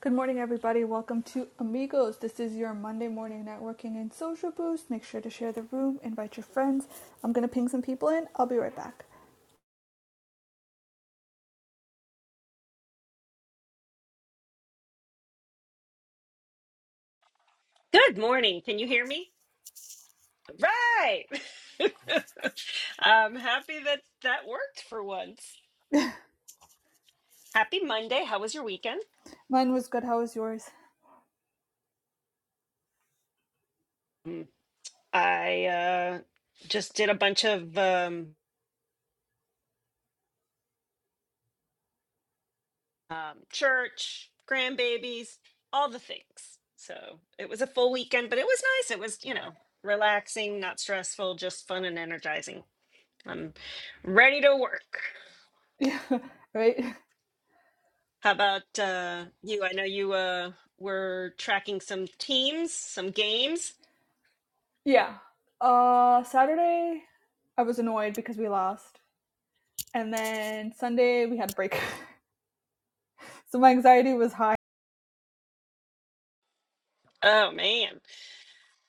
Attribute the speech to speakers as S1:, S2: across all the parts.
S1: Good morning, everybody. Welcome to Amigos. This is your Monday morning networking and social boost. Make sure to share the room, invite your friends. I'm going to ping some people in. I'll be right back.
S2: Good morning. Can you hear me? Right. I'm happy that that worked for once. Happy Monday. How was your weekend?
S1: Mine was good. How was yours?
S2: Mm, I uh, just did a bunch of um, um, church, grandbabies, all the things. So it was a full weekend, but it was nice. It was, you know, relaxing, not stressful, just fun and energizing. I'm ready to work.
S1: Yeah, right?
S2: How about uh, you? I know you uh, were tracking some teams, some games.
S1: Yeah. Uh, Saturday, I was annoyed because we lost. And then Sunday, we had a break. So my anxiety was high.
S2: Oh man.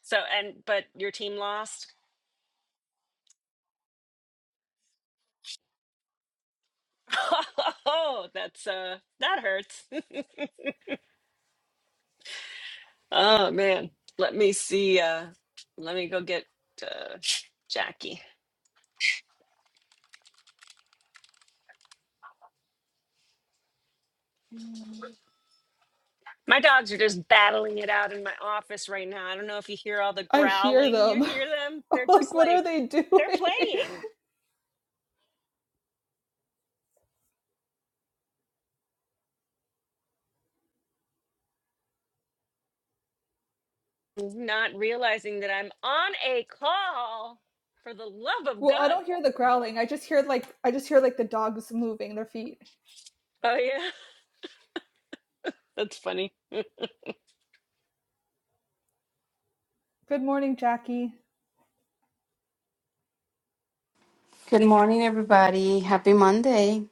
S2: So and but your team lost. Oh, that's uh that hurts. Oh man. Let me see uh let me go get uh Jackie. My dogs are just battling it out in my office right now. I don't know if you hear all the
S1: I hear
S2: growling. You
S1: them.
S2: hear them?
S1: I'm
S2: They're just
S1: like, what are
S2: like
S1: they
S2: they're
S1: doing?
S2: playing, not realizing that I'm on a call for the love of
S1: well, I
S2: God.
S1: don't hear the growling. I just hear like, I just hear like the dogs moving their feet.
S2: Oh yeah. That's funny.
S1: Good morning, Jackie.
S3: Good morning, everybody. Happy Monday.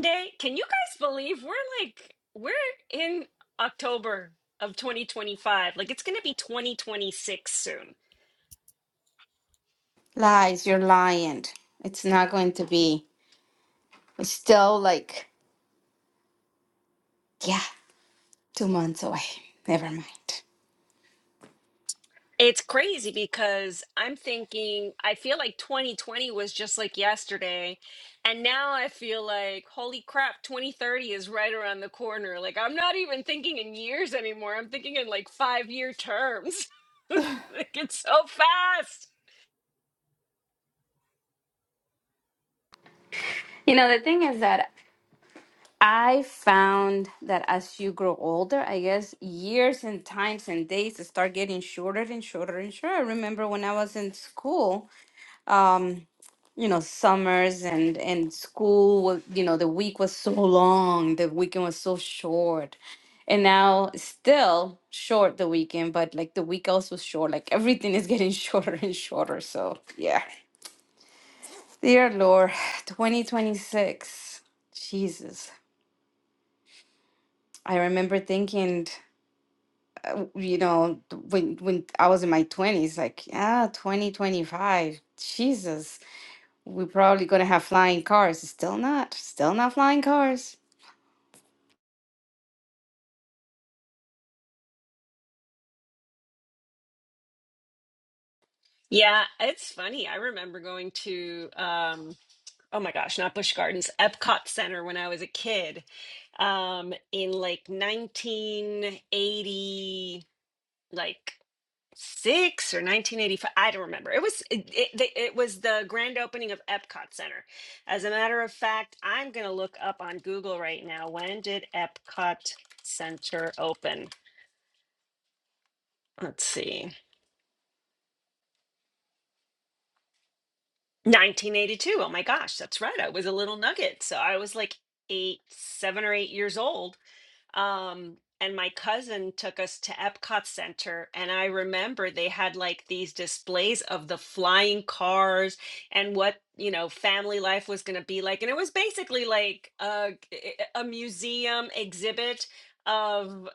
S2: Day, can you guys believe we're like we're in October of 2025? Like it's going to be 2026 soon.
S3: Lies, you're lying. It's not going to be. It's still like, yeah, two months away. Never mind.
S2: It's crazy because I'm thinking I feel like 2020 was just like yesterday and now I feel like holy crap 2030 is right around the corner. Like I'm not even thinking in years anymore. I'm thinking in like 5-year terms. like it's so fast.
S3: You know, the thing is that I found that as you grow older, I guess years and times and days start getting shorter and shorter and shorter. I remember when I was in school, um, you know summers and and school wa- you know the week was so long the weekend was so short and now still short the weekend but like the week also short like everything is getting shorter and shorter so yeah dear lord 2026 jesus i remember thinking uh, you know th- when when i was in my 20s like yeah 2025 jesus we're probably gonna have flying cars still not still not flying cars
S2: Yeah, it's funny. I remember going to um oh my gosh, not Busch Gardens, Epcot Center when I was a kid, um, in like 1980, like six or 1985. I don't remember. It was it, it, the- it was the grand opening of Epcot Center. As a matter of fact, I'm gonna look up on Google right now. When did Epcot Center open? Let's see. 1982. Oh my gosh, that's right. I was a little nugget. So I was like eight, seven or eight years old Um, and my cousin took us to Epcot Center, and I remember they had like these displays of the flying cars and what, you know, family life was going to be like. And it was basically like a, a museum exhibit of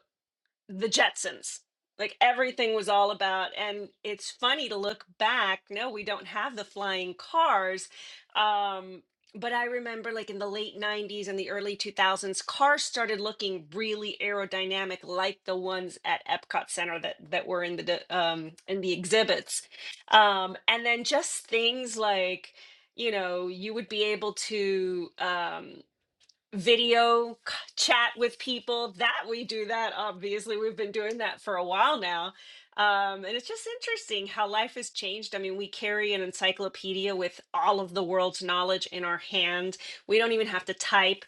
S2: the Jetsons. Like everything was all about, and it's funny to look back. No, we don't have the flying cars. Um, but I remember like in the late 90s and the early 2000s, cars started looking really aerodynamic, like the ones at Epcot Center that that were in the d- um, in the exhibits. Um, and then just things like, you know, you would be able to. Um, video c- chat with people that we do that obviously we've been doing that for a while now um, and it's just interesting how life has changed i mean we carry an encyclopedia with all of the world's knowledge in our hand we don't even have to type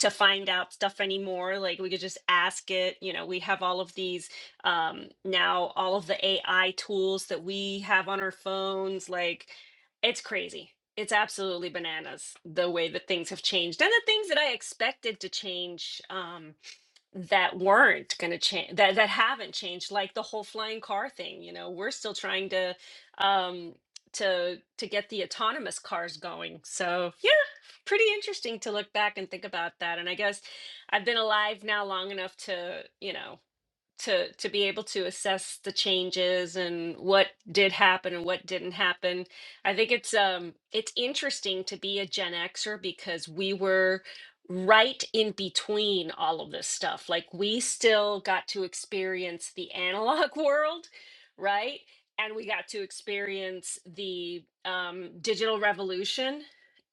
S2: to find out stuff anymore like we could just ask it you know we have all of these um, now all of the ai tools that we have on our phones like it's crazy. It's absolutely bananas the way that things have changed and the things that I expected to change um, that weren't going to change that that haven't changed, like the whole flying car thing. You know, we're still trying to um, to to get the autonomous cars going. So yeah, pretty interesting to look back and think about that. And I guess I've been alive now long enough to you know to to be able to assess the changes and what did happen and what didn't happen. I think it's um it's interesting to be a Gen Xer because we were right in between all of this stuff. Like we still got to experience the analog world, right? And we got to experience the um, digital revolution.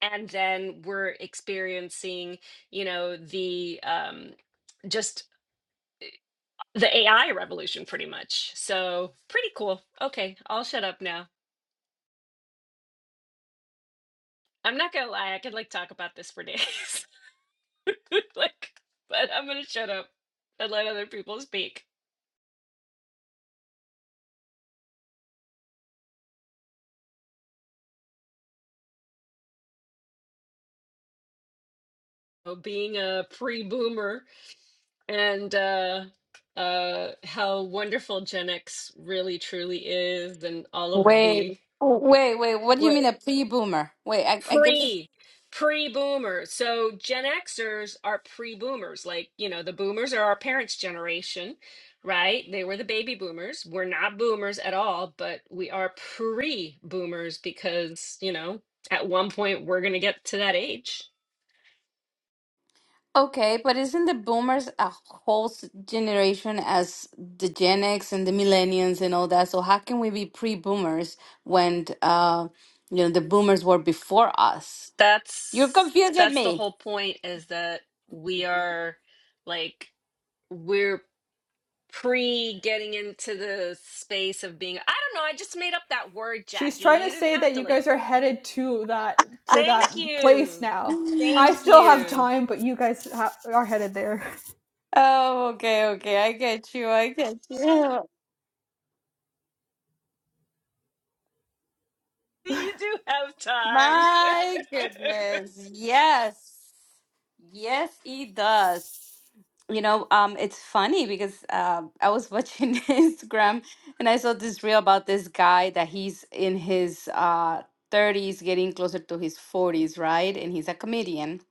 S2: And then we're experiencing, you know, the um, just the AI revolution pretty much. So pretty cool. Okay, I'll shut up now. I'm not gonna lie, I could like talk about this for days. like, but I'm gonna shut up and let other people speak. So being a pre-boomer and uh uh how wonderful Gen X really truly is and all of
S3: Wait,
S2: the
S3: wait, wait. What do you
S2: what.
S3: mean a pre-boomer? Wait, I, I get this.
S2: pre pre boomers so gen xers are pre boomers like you know the boomers are our parents generation right they were the baby boomers we're not boomers at all but we are pre boomers because you know at one point we're going to get to that age
S3: Okay, but isn't the boomers a whole s- generation as the Gen X and the millennials and all that? So how can we be pre-boomers when uh, you know, the boomers were before us? You're
S2: that's
S3: confusing
S2: that's the
S3: me.
S2: whole point is that we are like we're pre getting into the space of being I don't know, I just made up that word,
S1: She's
S2: Jackie.
S1: trying to
S2: You didn't
S1: say
S2: have
S1: that
S2: to
S1: you
S2: like
S1: guys are headed to that to
S2: thank
S1: that place
S2: you.
S1: now. I
S2: Thank
S1: still have
S2: you.
S1: time, but you guys ha- are headed there.
S3: Oh, okay, okay. I get you. I get you.
S2: You do have time.
S3: My goodness. Yes. Yes, it does. you know, um, it's funny because uh, I was watching Instagram and I saw this reel about this guy that he's in his uh, 30s, getting closer to his 40s, right? And he's a comedian.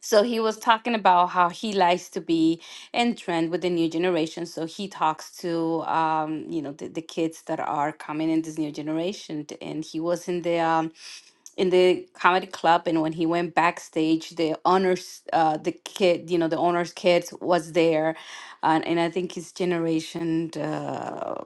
S3: So he was talking about how he likes to be in trend with the new generation. So he talks to, um, you know, the, the kids that are coming in this new generation. And he was in the um, in the comedy club and when he went backstage the owners, uh the kid you know the owners' kids was there and, and i think his generation uh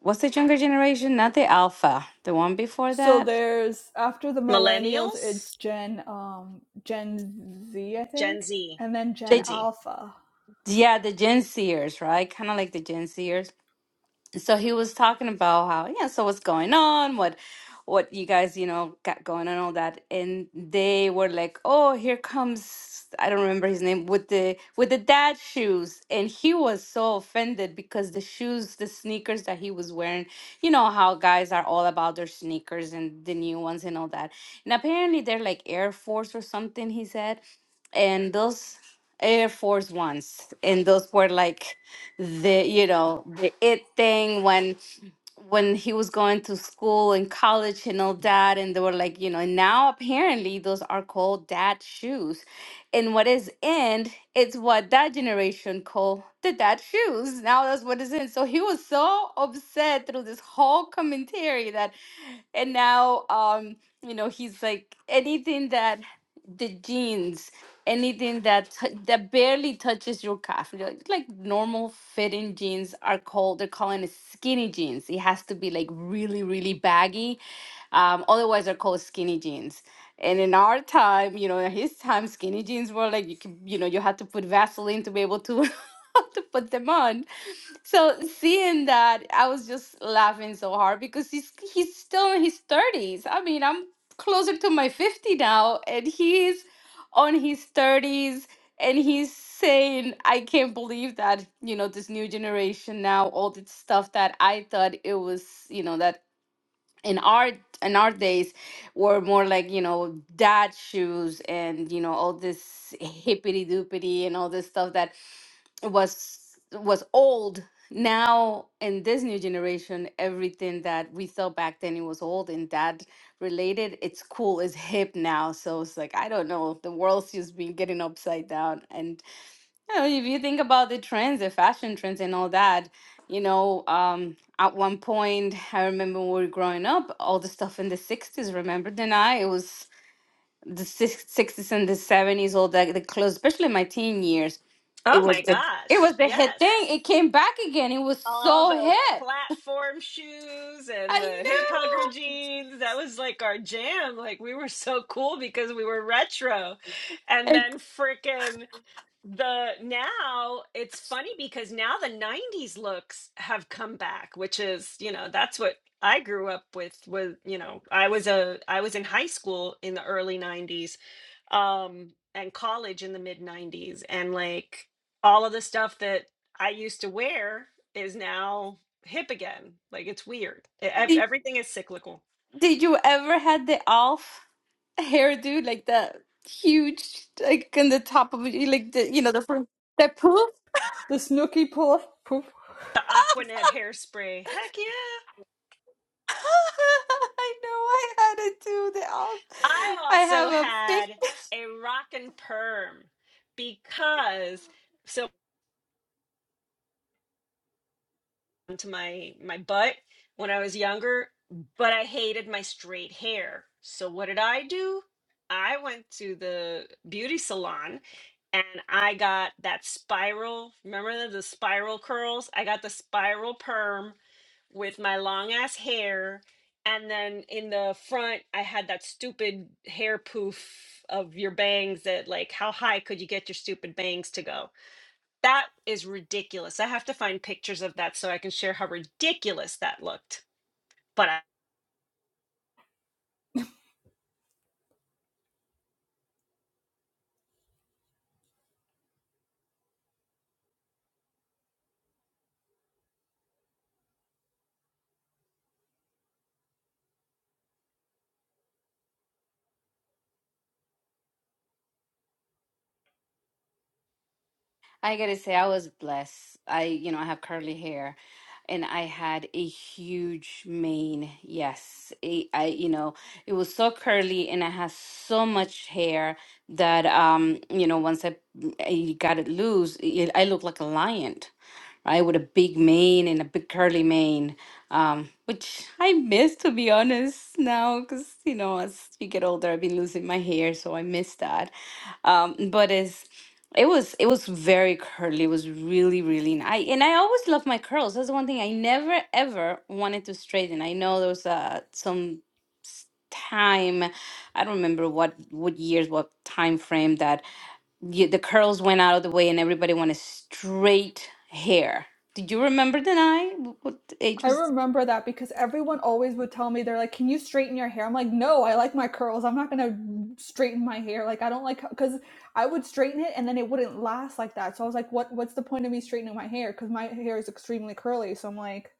S3: what's the younger generation not the alpha the one before
S1: So
S3: that
S1: there's after the millennials, it's
S2: Millennials,
S1: Gen um Gen Z, I
S2: Gen
S1: think,
S2: Z,
S1: and then
S2: Gen
S1: Gen
S3: the
S2: Z.
S1: Alpha.
S3: yeah the gen zers right kind of like the gen zers so he was talking about how yeah so what's going on what what you guys you know got going on all that and they were like oh here comes i don't remember his name with the with the dad shoes and he was so offended because the shoes the sneakers that he was wearing you know how guys are all about their sneakers and the new ones and all that and apparently they're like air force or something he said and those air force ones and those were like the you know the it thing when when he was going to school and college and all that and they were like you know and now apparently those are called dad shoes and what is in it's what that generation call the dad shoes now that's what is in so he was so upset through this whole commentary that and now um you know he's like anything that the jeans, anything that tou- that barely touches your calf, like, like normal fitting jeans are called. They're calling it skinny jeans. It has to be like really, really baggy. Um, otherwise, they're called skinny jeans. And in our time, you know, in his time, skinny jeans were like you could, you know, you had to put Vaseline to be able to to put them on. So seeing that, I was just laughing so hard because he's he's still in his thirties. I mean, I'm closer to my fifty now, and he's on his thirties, and he's saying, "I can't believe that you know this new generation now, all this stuff that I thought it was, you know, that in our in our days were more like you know dad shoes and you know all this hippity doopity and all this stuff that." was was old now in this new generation everything that we thought back then it was old and that related it's cool it's hip now so it's like i don't know the world's just been getting upside down and you know, if you think about the trends the fashion trends and all that you know um at one point i remember when we were growing up all the stuff in the 60s remember then i it was the six- 60s and the 70s all that the clothes especially my teen years it
S2: Oh
S3: was
S2: my
S3: the it was
S2: gosh.
S3: the hit thing.
S2: Yes.
S3: It came back again. It was
S2: All the
S3: so hip.
S2: platform shoes and
S3: I
S2: the hip hugger
S3: know.
S2: jeans. That was like our jam. Like we were so cool because we were retro. And
S3: Like,
S2: then frickin' the now it's funny because now the 90s looks have come back which is you know that's what i grew up with was you know i was a i was in high school in the early 90s um and college in the mid 90s and like all of the stuff that i used to wear is now hip again like it's weird E- ev-
S3: Did,
S2: everything is cyclical
S3: did you ever had the Alf hairdo like the huge like on the top of it, like the you know the front the poof?
S1: The Snooky Pull Poof.
S2: the aquanet hairspray heck yeah
S3: I know I had it too. The Alf.
S2: I
S3: I
S2: also
S3: have a pic.
S2: had a rockin' perm because so to my my butt when I was younger, but I hated my straight hair. So what did I do? I went to the beauty salon and I got that spiral. Remember the, the spiral curls? I got the spiral perm with my long ass hair. And then in the front, I had that stupid hair poof of your bangs that, like, how high could you get your stupid bangs to go? That is ridiculous. I have to find pictures of that so I can share how ridiculous that looked. But.
S3: I gotta say, I was blessed. I, you know, I have curly hair and I had a huge mane. Yes. It, I, you know, it was so curly and I had so much hair that, um, you know, once I, I got it loose, it, I looked like a lion, right? With a big mane and a big curly mane, um, which I miss, to be honest, now, because, you know, as you get older, I've been losing my hair, so I miss that. Um, but it's, it was it was very curly. It was really really nice. And I always love my curls. That's the one thing I never ever wanted to straighten. I know there was uh, some s- time, I don't remember what what years, what time frame that y the curls went out of the way and everybody wanted straight hair. Did you remember Denai? Wh- What age
S1: I
S3: was?
S1: remember that because everyone always would tell me they're like, "Can you straighten your hair?" I'm like, "No, I like my curls. I'm not going to straighten my hair. Like I don't like cuz I would straighten it and then it wouldn't last like that." So I was like, "What what's the point of me straightening my hair cuz my hair is extremely curly." So I'm like,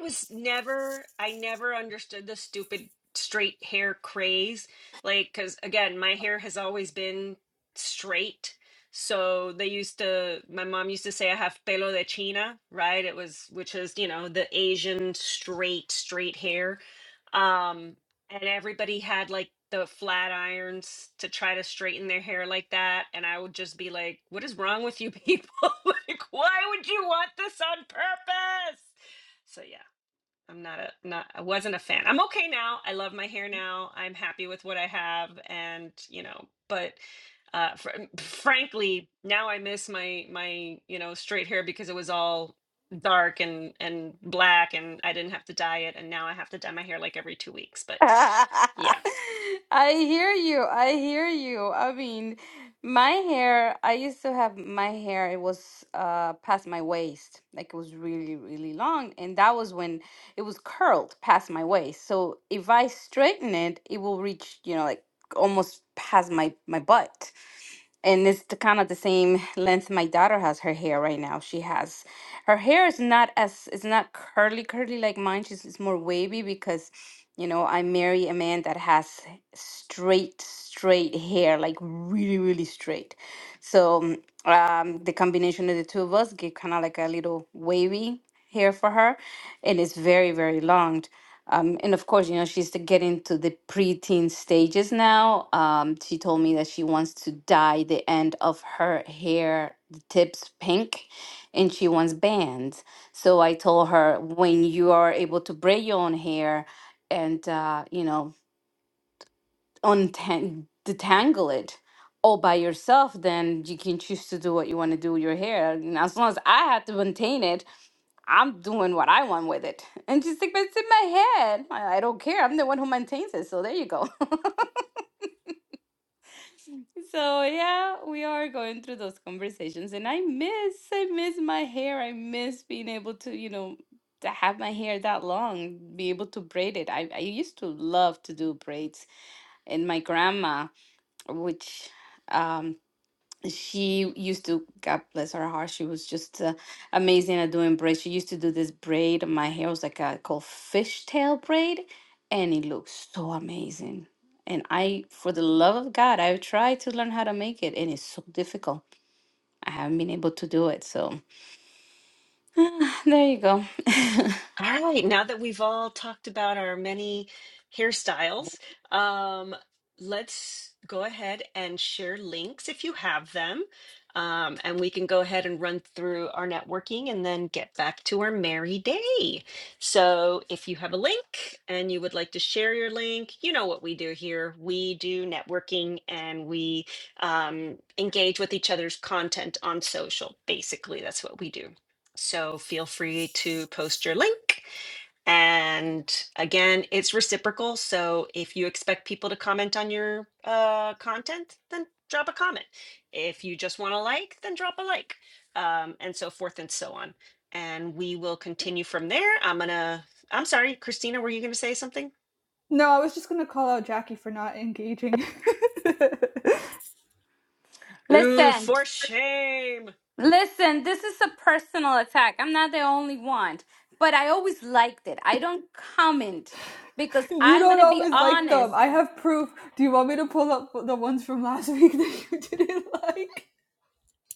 S2: was never I never understood the stupid straight hair craze. Like cuz again, my hair has always been straight. So they used to my mom used to say I have pelo de china, right? It was which is, you know, the Asian straight straight hair. Um and everybody had like the flat irons to try to straighten their hair like that and I would just be like, "What is wrong with you people? like why would you want this on purpose?" So yeah. I'm not a not I wasn't a fan. I'm okay now. I love my hair now. I'm happy with what I have and, you know, but uh fr- frankly, now I miss my my, you know, straight hair because it was all dark and and black and I didn't have to dye it and now I have to dye my hair like every 2 weeks, but yeah.
S3: I hear you. I hear you. I mean, my hair, I used to have my hair, it was uh past my waist. Like it was really, really long. And that was when it was curled past my waist. So if I straighten it, it will reach, you know, like almost past my my butt and it's the kind of the same length my daughter has her hair right now she has her hair is not as it's not curly curly like mine she's it's more wavy because you know i marry a man that has straight straight hair like really really straight so um um, the combination of the two of us give kind of like a little wavy hair for her and it's very very long um, and of course, you know, she's to get into the preteen stages now. Um, she told me that she wants to dye the end of her hair, the tips pink, and she wants bands. So I told her when you are able to braid your own hair and, uh, you know, untang- detangle it all by yourself, then you can choose to do what you want to do with your hair. And as long as I had to maintain it, I'm doing what I want with it. And she's like, but it's in my head. I, I don't care. I'm the one who maintains it. So there you go. so yeah, we are going through those conversations. And I miss, I miss my hair. I miss being able to, you know, to have my hair that long, be able to braid it. I, I used to love to do braids. And my grandma, which um she used to god bless her heart she was just uh, amazing at doing braids she used to do this braid my hair was like a called fishtail braid and it looked so amazing and i for the love of god i've tried to learn how to make it and it's so difficult i haven't been able to do it so there you go
S2: All right, now that we've all talked about our many hairstyles, um, let's go ahead and share links if you have them. Um, and we can go ahead and run through our networking and then get back to our merry day. So, if you have a link and you would like to share your link, you know what we do here. We do networking and we um, engage with each other's content on social. Basically, that's what we do. So feel free to post your link. And again, it's reciprocal. So if you expect people to comment on your uh, content, then drop a comment. If you just want to like, then drop a like, um, and so forth and so on. And we will continue from there. I'm gonna. I'm sorry, Christina. Were you gonna say something?
S1: "No, I was just going to call out Jackie for not engaging."
S2: Ooh,
S3: listen
S2: for shame.
S3: listen this is a personal attack i'm not the only one but i always liked it i don't comment because
S1: you
S3: i'm
S1: don't
S3: gonna be
S1: always like them.
S3: honest
S1: I have proof. Do you want me to pull up the ones from last week that you didn't like?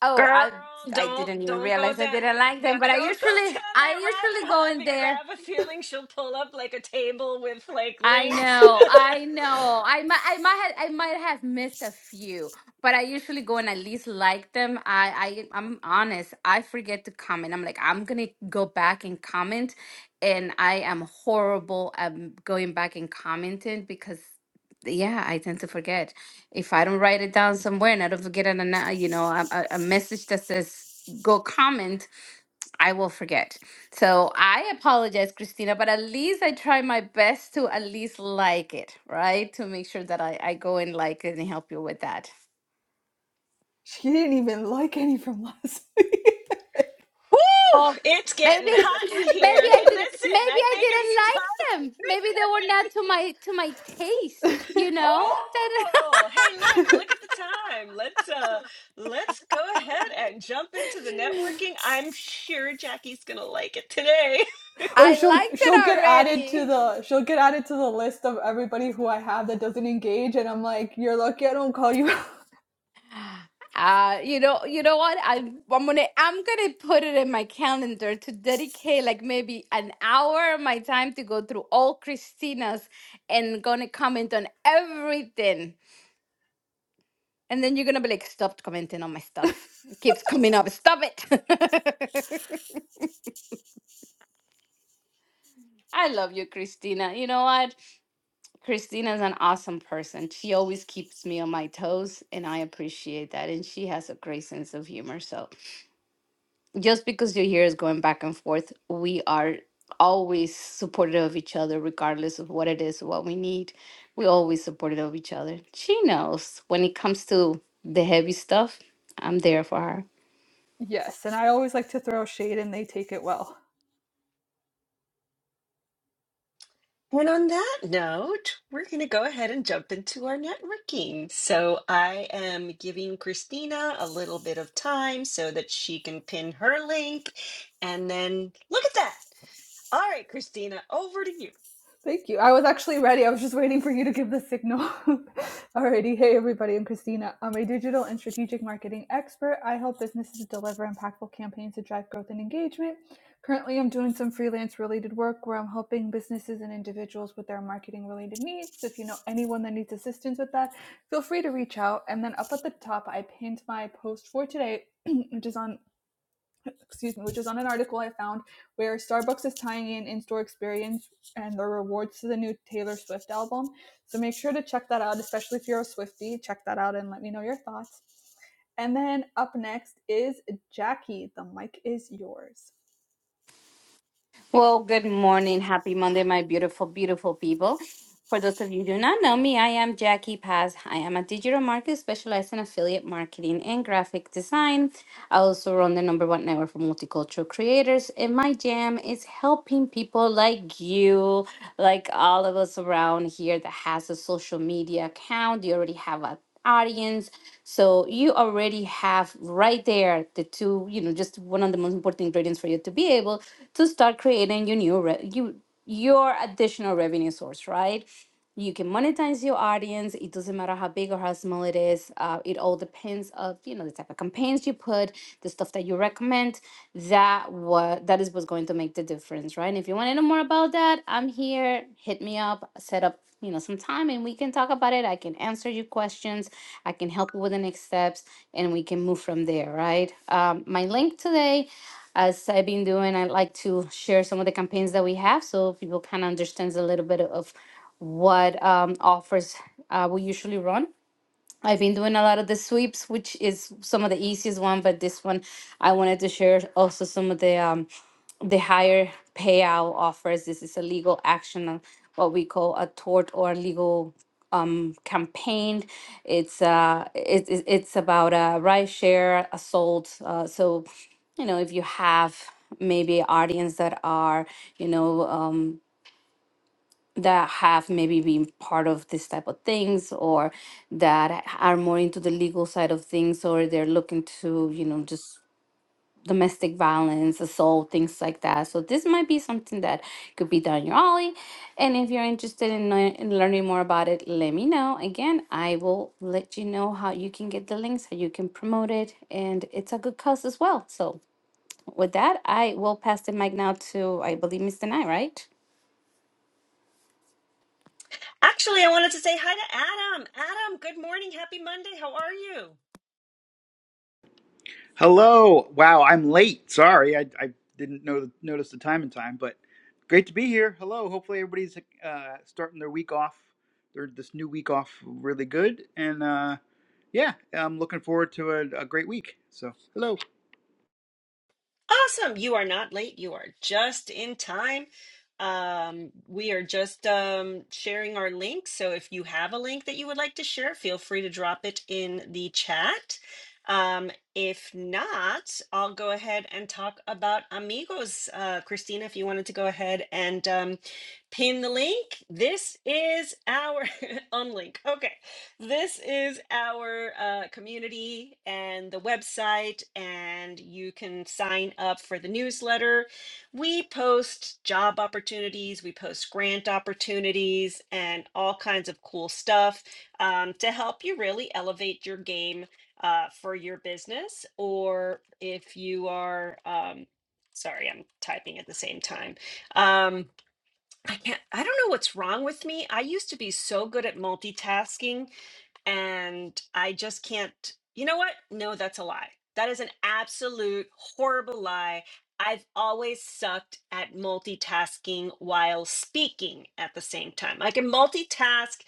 S3: Oh,
S2: Girl,
S3: I I didn't
S2: don't
S3: even
S2: don't go
S3: realize I
S2: down.
S3: didn't like
S2: Yeah,
S3: them, but I
S2: don't go
S3: usually
S2: down
S3: I
S2: that
S3: usually
S2: rabbit
S3: go
S2: hole
S3: in
S2: because I
S3: there
S2: have a feeling she'll pull up like a table with like
S3: I
S2: links.
S3: know, I know. I might, I might, have, I might have missed a few, but I usually go and at least like them. I, I, I'm honest. I forget to comment. I'm like, I'm gonna go back and comment, and I am horrible at m- going back and commenting because, yeah, I tend to forget. If I don't write it down somewhere and I don't forget an, ana- you know, a, a a message that says go comment, I will forget. So I apologize, Christina, but at least I try my best to at least like it, right? To make sure that I, I go and like it and help you with that.
S1: She didn't even like any from last.
S2: Woo!
S3: Oh,
S2: It's
S3: maybe,
S2: getting
S3: maybe
S2: hot in here. Hey,
S3: I didn't, maybe
S2: listen, I
S3: I
S2: think
S3: didn't
S2: it's time.
S3: like them. Maybe they
S2: I
S3: were
S2: think
S3: not to my to my taste. You know that
S2: Oh, hey, look, look at the time. Let's uh let's go ahead and jump into the networking. I'm sure Jackie's gonna like it today.
S1: or
S3: I
S1: she'll
S3: liked it
S1: she'll get added to
S3: already.
S1: the she'll get added to the list of everybody who I have that doesn't engage, and I'm like, you're lucky I don't call you.
S3: Uh, you know, you know what? I I'm gonna I'm gonna put it in my calendar to dedicate like maybe an hour of my time to go through all Christina's and gonna comment on everything. And then you're gonna be like, stop commenting on my stuff. It keeps coming up. Stop it. I love you, Christina. You know what? Christina's an awesome person. She always keeps me on my toes, and I appreciate that. And she has a great sense of humor. So just because you're here is going back and forth, we are always supportive of each other, regardless of what it is, what we need. We always supportive of each other. She knows when it comes to the heavy stuff, I'm there for her.
S1: yes, and I always like to throw shade, and they take it well.
S2: And on that note, we're going to go ahead and jump into our networking. So I am giving Christina a little bit of time so that she can pin her link. And then look at that. All right, Christina, over to you.
S1: Thank you. I was actually ready. I was just waiting for you to give the signal. Alrighty. Hey, everybody. I'm Christina. I'm a digital and strategic marketing expert. I help businesses deliver impactful campaigns to drive growth and engagement. Currently, I'm doing some freelance related work where I'm helping businesses and individuals with their marketing related needs. So If you know anyone that needs assistance with that, feel free to reach out. And then up at the top, I pinned my post for today, which is on excuse me, which was on an article I found where Starbucks is tying in in-store experience and their rewards to the new Taylor Swift album. So make sure to check that out, especially if you're a Swiftie. Check that out and let me know your thoughts. And then up next is Jackie. The mic is yours.
S3: Well, good morning. Happy Monday, my beautiful, beautiful people. For those of you who do not know me, I am Jackie Paz. I am a digital marketer specialized in affiliate marketing and graphic design. I also run the number one network for multicultural creators, and my jam is helping people like you, like all of us around here that has a social media account. You already have an audience. So you already have right there the two, you know, just one of the most important ingredients for you to be able to start creating your new re- you your additional revenue source, right? You can monetize your audience. It doesn't matter how big or how small it is. Uh, it all depends of you know the type of campaigns you put, the stuff that you recommend. That what that is what's going to make the difference, right? And if you want to know more about that, I'm here. Hit me up. Set up you know some time, and we can talk about it. I can answer your questions. I can help you with the next steps, and we can move from there, right? Um, my link today as I've been doing, I like to share some of the campaigns that we have so people kind of understands a little bit of what um, offers uh, we usually run. I've been doing a lot of the sweeps, which is some of the easiest one, but this one I wanted to share also some of the um, the higher payout offers. This is a legal action, uh, what we call a tort or legal um, campaign. It's uh, it, it- it's about a ride share assault. Uh, so, you know, if you have maybe audience that are, you know, um, that have maybe been part of this type of things or that are more into the legal side of things or they're looking to, you know, just domestic violence, assault, things like that. So this might be something that could be down your alley. And if you're interested in, lear- in learning more about it, let me know. Again, I will let you know how you can get the links, how you can promote it, and it's a good cause as well. So with that, I will pass the mic now to I believe Mr. Knight, right?
S2: Actually, I wanted to say hi to Adam. Adam, good morning. Happy Monday. How are you?
S4: Hello. Wow, I'm late. Sorry, I, I didn't know notice the time in time, but great to be here. Hello. Hopefully, everybody's uh, starting their week off, their this new week off really good, and uh, yeah, I'm looking forward to a, a great week. So, hello.
S2: Awesome. You are not late. You are just in time. Um, we are just um, sharing our link. So if you have a link that you would like to share, feel free to drop it in the chat. Um, if not, I'll go ahead and talk about amigos. Uh, Christina, if you wanted to go ahead and um, pin the link, this is our unlink. Okay. This is our uh, community and the website, and you can sign up for the newsletter. We post job opportunities, we post grant opportunities, and all kinds of cool stuff um, to help you really elevate your game uh, for your business. Or if you are, um, sorry, I'm typing at the same time. Um, I can't, I don't know what's wrong with me. I used to be so good at multitasking and I just can't. You know what? No, that's a lie. That is an absolute horrible lie. I've always sucked at multitasking while speaking at the same time. I can multitask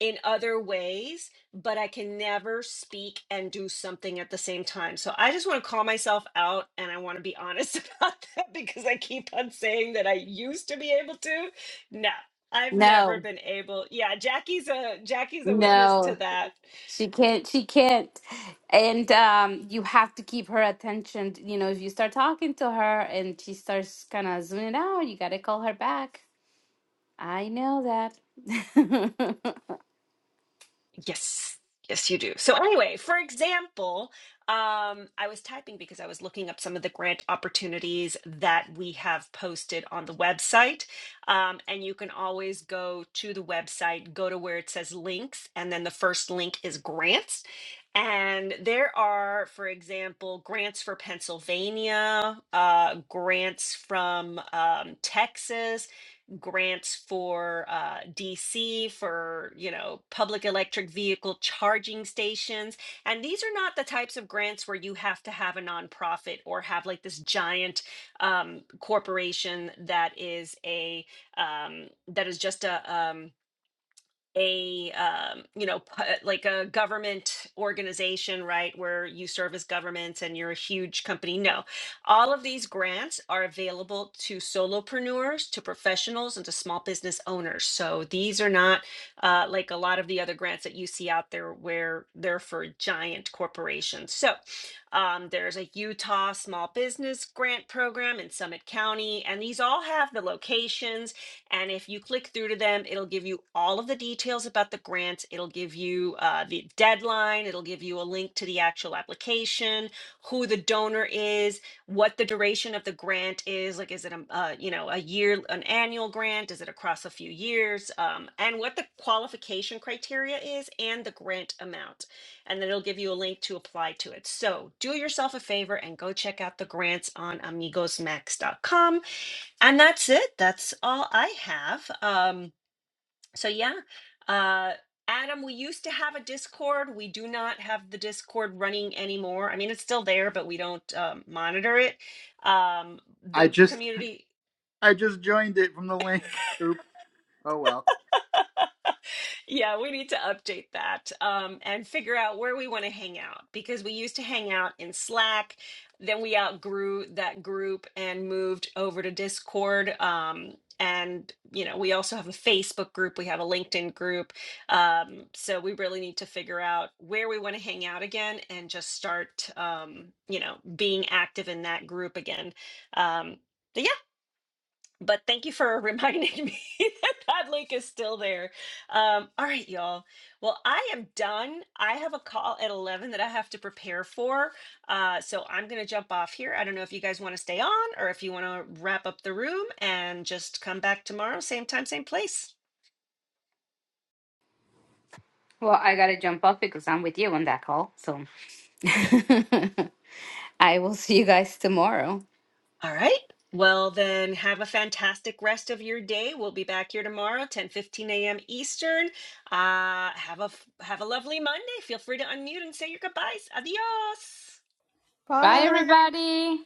S2: in other ways, but I can never speak and do something at the same time. So I just want to call myself out and I want to be honest about that because I keep on saying that I used to be able to. No. I've never
S3: No,
S2: been able. Yeah, Jackie's a Jackie's a witness to
S3: no.
S2: that.
S3: She can't, she can't. And um, you have to keep her attention. You know, if you start talking to her and she starts kind of zooming out, you got to call her back. I know that.
S2: Yes. Yes, you do. So anyway, for example, um, I was typing because I was looking up some of the grant opportunities that we have posted on the website. Um, and you can always go to the website, go to where it says links, and then the first link is grants. And there are, for example, grants for Pennsylvania, uh, grants from um, Texas, grants for uh, DC for you know public electric vehicle charging stations, and these are not the types of grants where you have to have a nonprofit or have like this giant um, corporation that is a um, that is just a um, a um, you know pu- like a government organization right where you serve as governments and you're a huge company no all of these grants are available to solopreneurs to professionals and to small business owners so these are not uh, like a lot of the other grants that you see out there where they're for giant corporations so um, there's a utah small business grant program in summit county and these all have the locations and if you click through to them, it'll give you all of the details about the grants. It'll give you uh, the deadline. It'll give you a link to the actual application, who the donor is, what the duration of the grant is. Like, is it a uh, you know a year, an annual grant? Is it across a few years? Um, and what the qualification criteria is and the grant amount. And then it'll give you a link to apply to it. So do yourself a favor and go check out the grants on amigosmax.com and that's it. That's all I have. Um, so yeah, uh, Adam, we used to have a Discord. We do not have the Discord running anymore. I mean, it's still there, but we don't um, monitor it. Um,
S4: I
S2: the
S4: just
S2: community.
S4: I just joined it from the link. Oop. Oh well.
S2: Yeah, we need to update that um, and figure out where we want to hang out because we used to hang out in Slack. Then we outgrew that group and moved over to Discord. Um, and, you know, we also have a Facebook group, we have a LinkedIn group. Um, so we really need to figure out where we want to hang out again and just start, um, you know, being active in that group again. Um, but but thank you for reminding me that that link is still there. Um, all right, y'all. Well, I am done. I have a call at 11 that I have to prepare for. Uh, so I'm going to jump off here. I don't know if you guys want to stay on or if you want to wrap up the room and just come back tomorrow, same time, same place.
S3: well, I got to jump off because I'm with you on that call. So I will see you guys tomorrow.
S2: All right. Well, then have a fantastic rest of your day. We'll be back here tomorrow, 10 15 a.m. Eastern. Uh, have a f- have a lovely Monday. Feel free to unmute and say your goodbyes. Adios.
S3: Bye,
S1: Bye.
S3: everybody.